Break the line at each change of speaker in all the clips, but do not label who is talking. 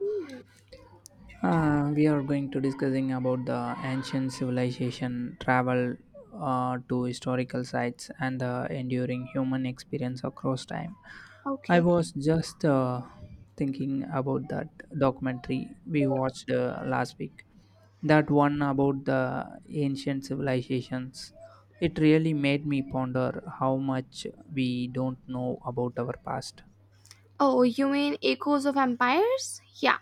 Hmm.
We are going to discussing about the ancient civilization travel to historical sites and the enduring human experience across time. I
Okay.
was just thinking about that documentary we watched last week. That one about the ancient civilizations. It really made me ponder how much we don't know about our past.
Oh, you mean Echoes of Empires? Yeah,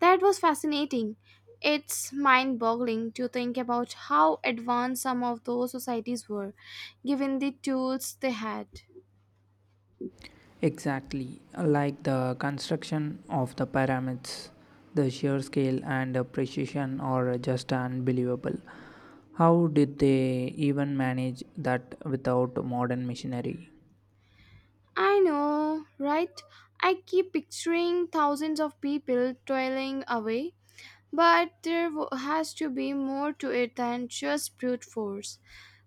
that was fascinating. It's mind boggling to think about how advanced some of those societies were, given the tools they had.
Exactly, like the construction of the pyramids, the sheer scale and precision are just unbelievable. How did they even manage that without modern machinery?
I know, right? I keep picturing thousands of people toiling away, but has to be more to it than just brute force.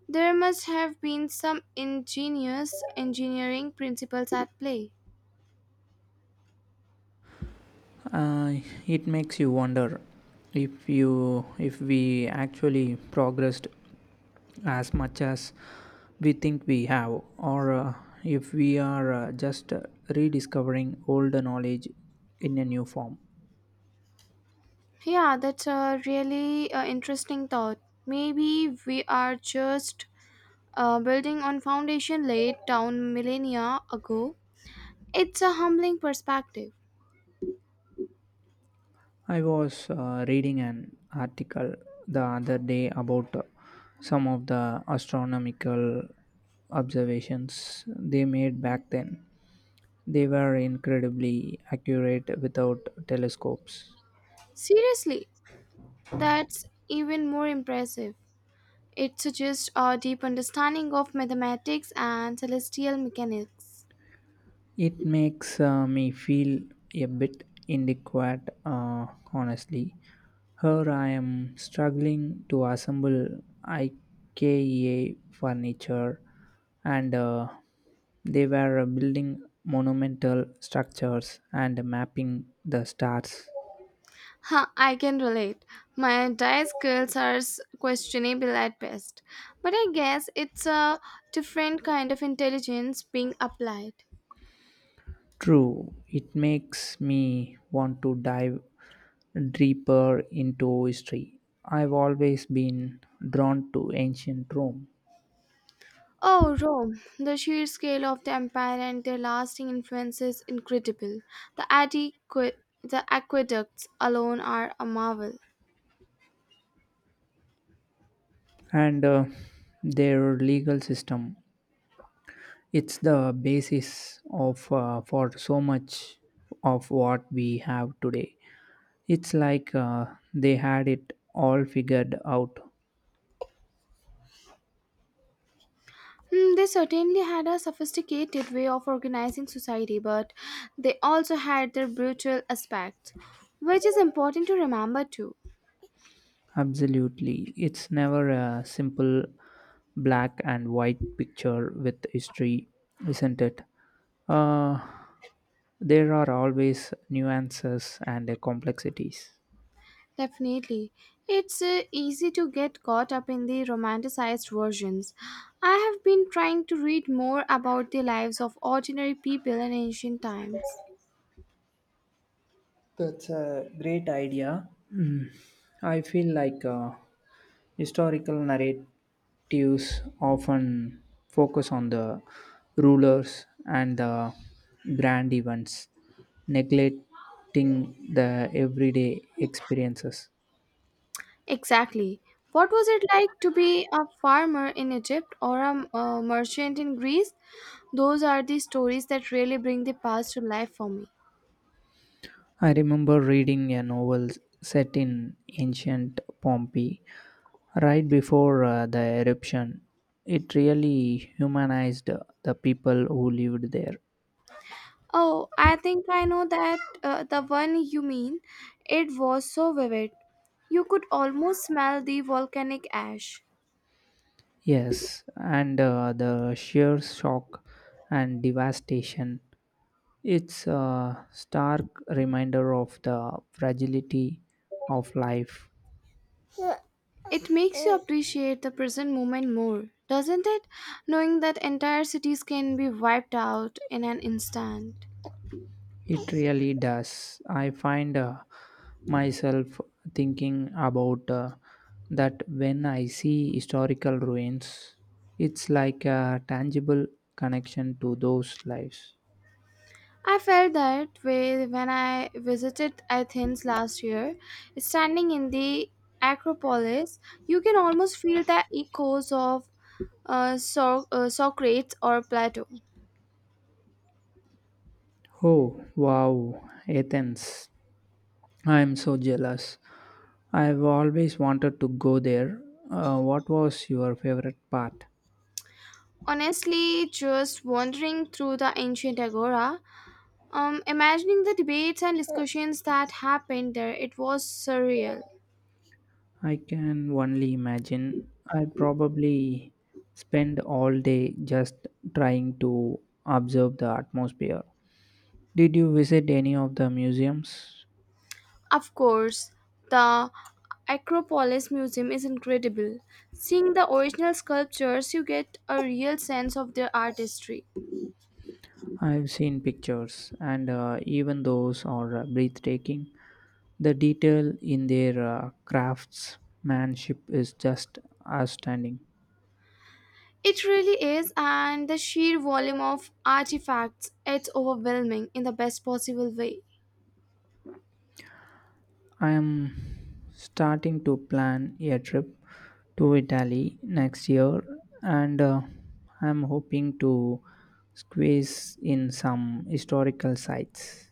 There must have been some ingenious engineering principles at play.
Uh, it makes you wonder if we actually progressed as much as we think we have, or if we are just rediscovering old knowledge in a new form.
Yeah, that's a really interesting thought. Maybe we are just building on foundation laid down millennia ago. It's a humbling perspective.
I was reading an article the other day about some of the astronomical observations they made back then. They were incredibly accurate without telescopes.
Seriously, that's even more impressive. It suggests a deep understanding of mathematics and celestial mechanics.
It makes me feel a bit inadequate, honestly. Here I am struggling to assemble IKEA furniture, and they were building monumental structures and mapping the stars.
Huh, I can relate. My entire skills are s- questionable at best. But I guess it's a different kind of intelligence being applied.
True, it makes me want to dive deeper into history. I've always been drawn to ancient Rome.
Oh, Rome. The sheer scale of the empire and their lasting influence is incredible. The, adequ- the aqueducts alone are a marvel.
And their legal system. It's the basis of for so much of what we have today. It's like they had it all figured out.
Hmm, they certainly had a sophisticated way of organizing society, but they also had their brutal aspect, which is important to remember too.
Absolutely, it's never a simple black and white picture with history, isn't it? Uh, there are always nuances and complexities.
Definitely. It's easy to get caught up in the romanticized versions. I have been trying to read more about the lives of ordinary people in ancient times.
That's a great idea. Mm. I feel like historical narratives often focus on the rulers and the grand events, neglecting the everyday experiences.
Exactly. What was it like to be a farmer in Egypt or a merchant in Greece? Those are the stories that really bring the past to life for me.
I remember reading a novel set in ancient Pompeii right before the eruption. It really humanized the people who lived there.
Oh, I think I know that the one you mean. It was so vivid. You could almost smell the volcanic ash.
Yes, and the sheer shock and devastation. It's a stark reminder of the fragility of life.
It makes you appreciate the present moment more, doesn't it? Knowing that entire cities can be wiped out in an instant.
It really does. I find myself thinking about that when I see historical ruins, it's like a tangible connection to those lives.
I felt that way when I visited Athens last year. Standing in the Acropolis, you can almost feel the echoes of Socrates or Plato.
Oh, wow, Athens. I am so jealous. I've always wanted to go there. What was your favorite part?
Honestly, just wandering through the ancient agora, imagining the debates and discussions that happened there, it was surreal.
I can only imagine. I probably spend all day just trying to observe the atmosphere. Did you visit any of the museums?
Of course, the Acropolis Museum is incredible. Seeing the original sculptures, you get a real sense of their artistry.
I've seen pictures, and even those are breathtaking. The detail in their craftsmanship is just outstanding.
It really is, and the sheer volume of artifacts, it's overwhelming in the best possible way.
I am starting to plan a trip to Italy next year, and I'm hoping to squeeze in some historical sites.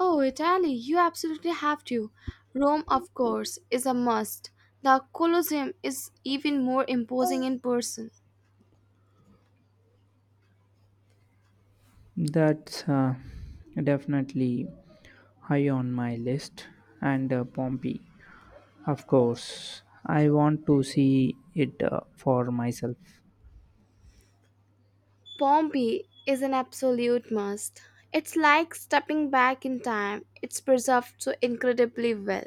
Oh, Italy, you absolutely have to. Rome, of course, is a must. The Colosseum is even more imposing in person.
That's definitely high on my list, and Pompeii, of course. I want to see it for myself.
Pompeii is an absolute must. It's like stepping back in time. It's preserved so incredibly well.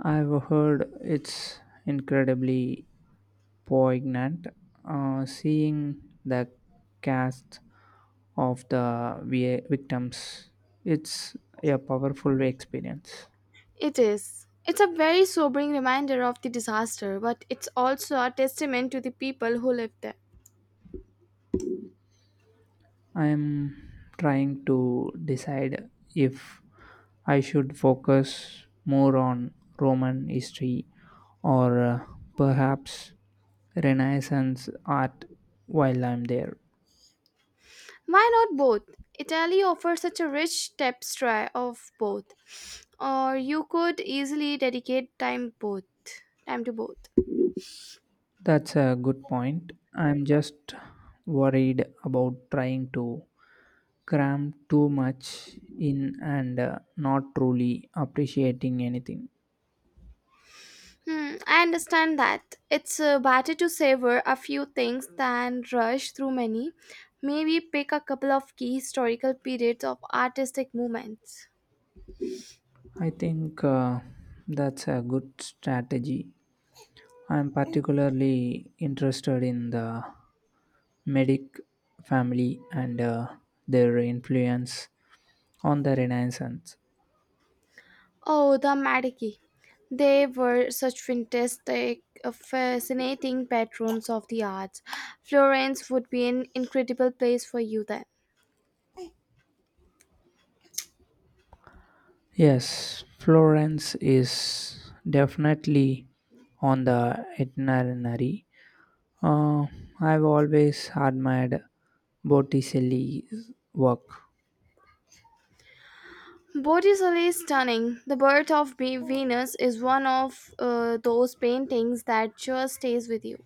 I've heard it's incredibly poignant, seeing the cast of the victims. It's a powerful experience.
It is. It's a very sobering reminder of the disaster, but it's also a testament to the people who lived there.
I'm trying to decide if I should focus more on Roman history or perhaps Renaissance art while I'm there.
Why not both? Italy offers such a rich tapestry of both, or you could easily dedicate time both time to both.
That's a good point. I'm just worried about trying to cram too much in and not truly appreciating anything.
Hmm, I understand that. It's better to savor a few things than rush through many. Maybe pick a couple of key historical periods of artistic movements.
I think that's a good strategy. I'm particularly interested in the Medic family and their influence on the Renaissance.
Oh, the Medici. They were such fascinating patrons of the arts. Florence would be an incredible place for you then.
Yes, Florence is definitely on the itinerary. Uh, I've always admired Botticelli's work.
Botticelli is stunning. The Birth of Venus is one of those paintings that just stays with you.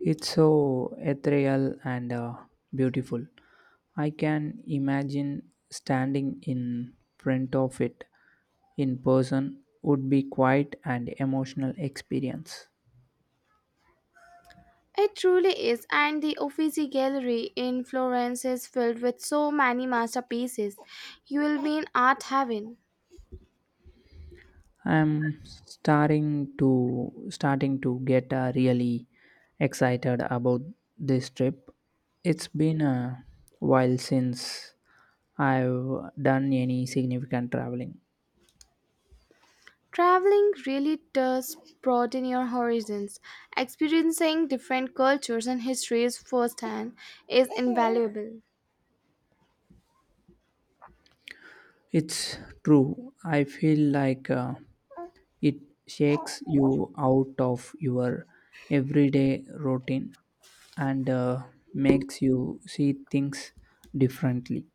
It's so ethereal and beautiful. I can imagine standing in front of it in person would be quite an emotional experience.
It truly is, and the Uffizi Gallery in Florence is filled with so many masterpieces. You will be in art heaven.
I'm starting to starting to get really excited about this trip. It's been a while since I've done any significant traveling.
Traveling really does broaden your horizons. Experiencing different cultures and histories firsthand is invaluable.
It's true. I feel like it shakes you out of your everyday routine and makes you see things differently.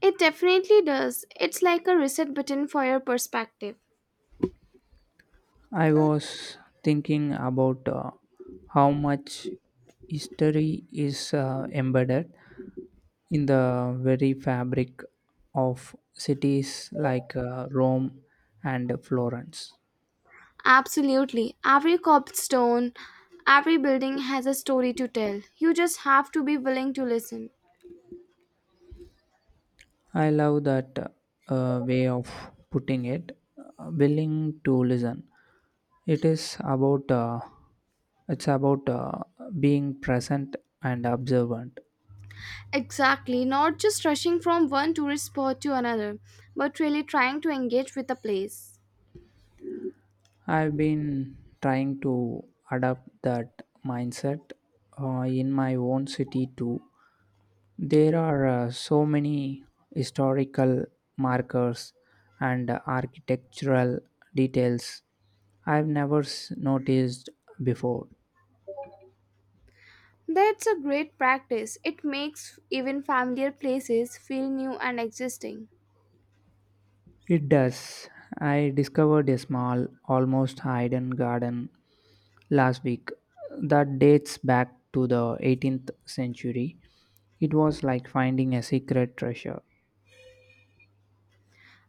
It definitely does. It's like a reset button for your perspective.
I was thinking about how much history is embedded in the very fabric of cities like Rome and Florence.
Absolutely. Every cobblestone, every building has a story to tell. You just have to be willing to listen.
I love that way of putting it, willing to listen. It is about uh, it's about being present and observant.
Exactly, not just rushing from one tourist spot to another, but really trying to engage with the place.
I've been trying to adapt that mindset in my own city too. There are so many historical markers and architectural details I've never noticed before.
That's a great practice. It makes even familiar places feel new and existing.
It does. I discovered a small, almost hidden garden last week that dates back to the 18th century. It was like finding a secret treasure.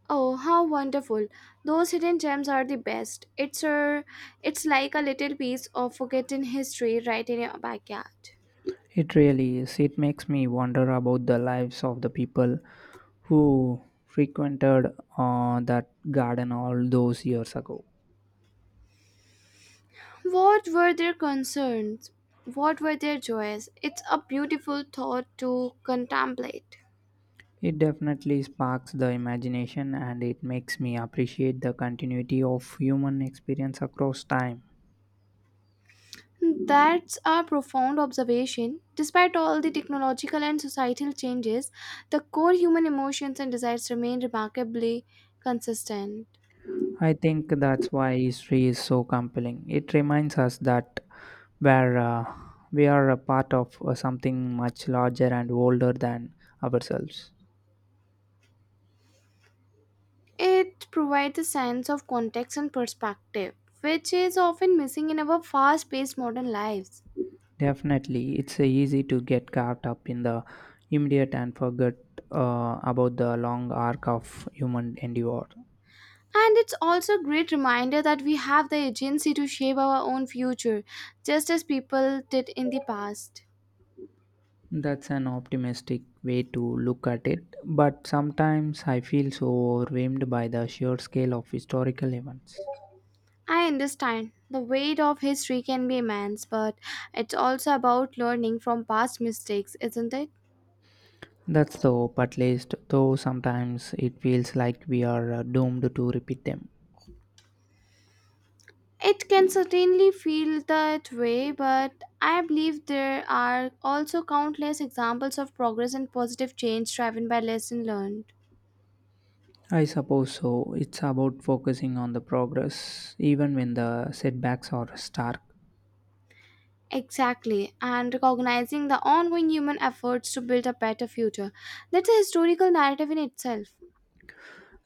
Oh, how wonderful. Those hidden gems are the best. It's like a little piece of forgotten history right in your backyard.
It really is. It makes me wonder about the lives of the people who frequented that garden all those years ago.
What were their concerns? What were their joys? It's a beautiful thought to contemplate.
It definitely sparks the imagination, and it makes me appreciate the continuity of human experience across time.
That's a profound observation. Despite all the technological and societal changes, the core human emotions and desires remain remarkably consistent.
I think that's why history is so compelling. It reminds us that we're, uh, we are a part of something much larger and older than ourselves.
It provides a sense of context and perspective, which is often missing in our fast paced modern lives.
Definitely, it's easy to get caught up in the immediate and forget about the long arc of human endeavor.
And it's also a great reminder that we have the agency to shape our own future, just as people did in the past.
That's an optimistic way to look at it, but sometimes I feel so overwhelmed by the sheer scale of historical events.
I understand the weight of history can be immense, but it's also about learning from past mistakes, isn't it?
That's the hope, at least, though sometimes it feels like we are doomed to repeat them.
It can certainly feel that way, but I believe there are also countless examples of progress and positive change driven by lesson learned.
I suppose so. It's about focusing on the progress, even when the setbacks are stark.
Exactly, and recognizing the ongoing human efforts to build a better future. That's a historical narrative in itself.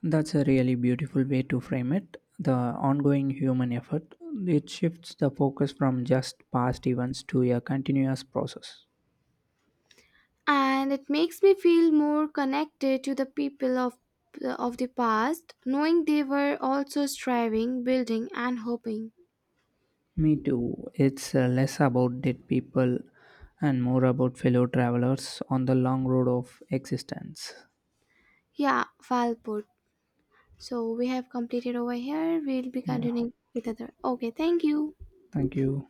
That's a really beautiful way to frame it. The ongoing human effort. It shifts the focus from just past events to a continuous process.
And it makes me feel more connected to the people of the past, knowing they were also striving, building and hoping.
Me too. It's less about dead people and more about fellow travelers on the long road of existence.
Yeah, well, so we have completed over here. We'll be
Yeah.
continuing with other. Okay, thank you.
Thank you.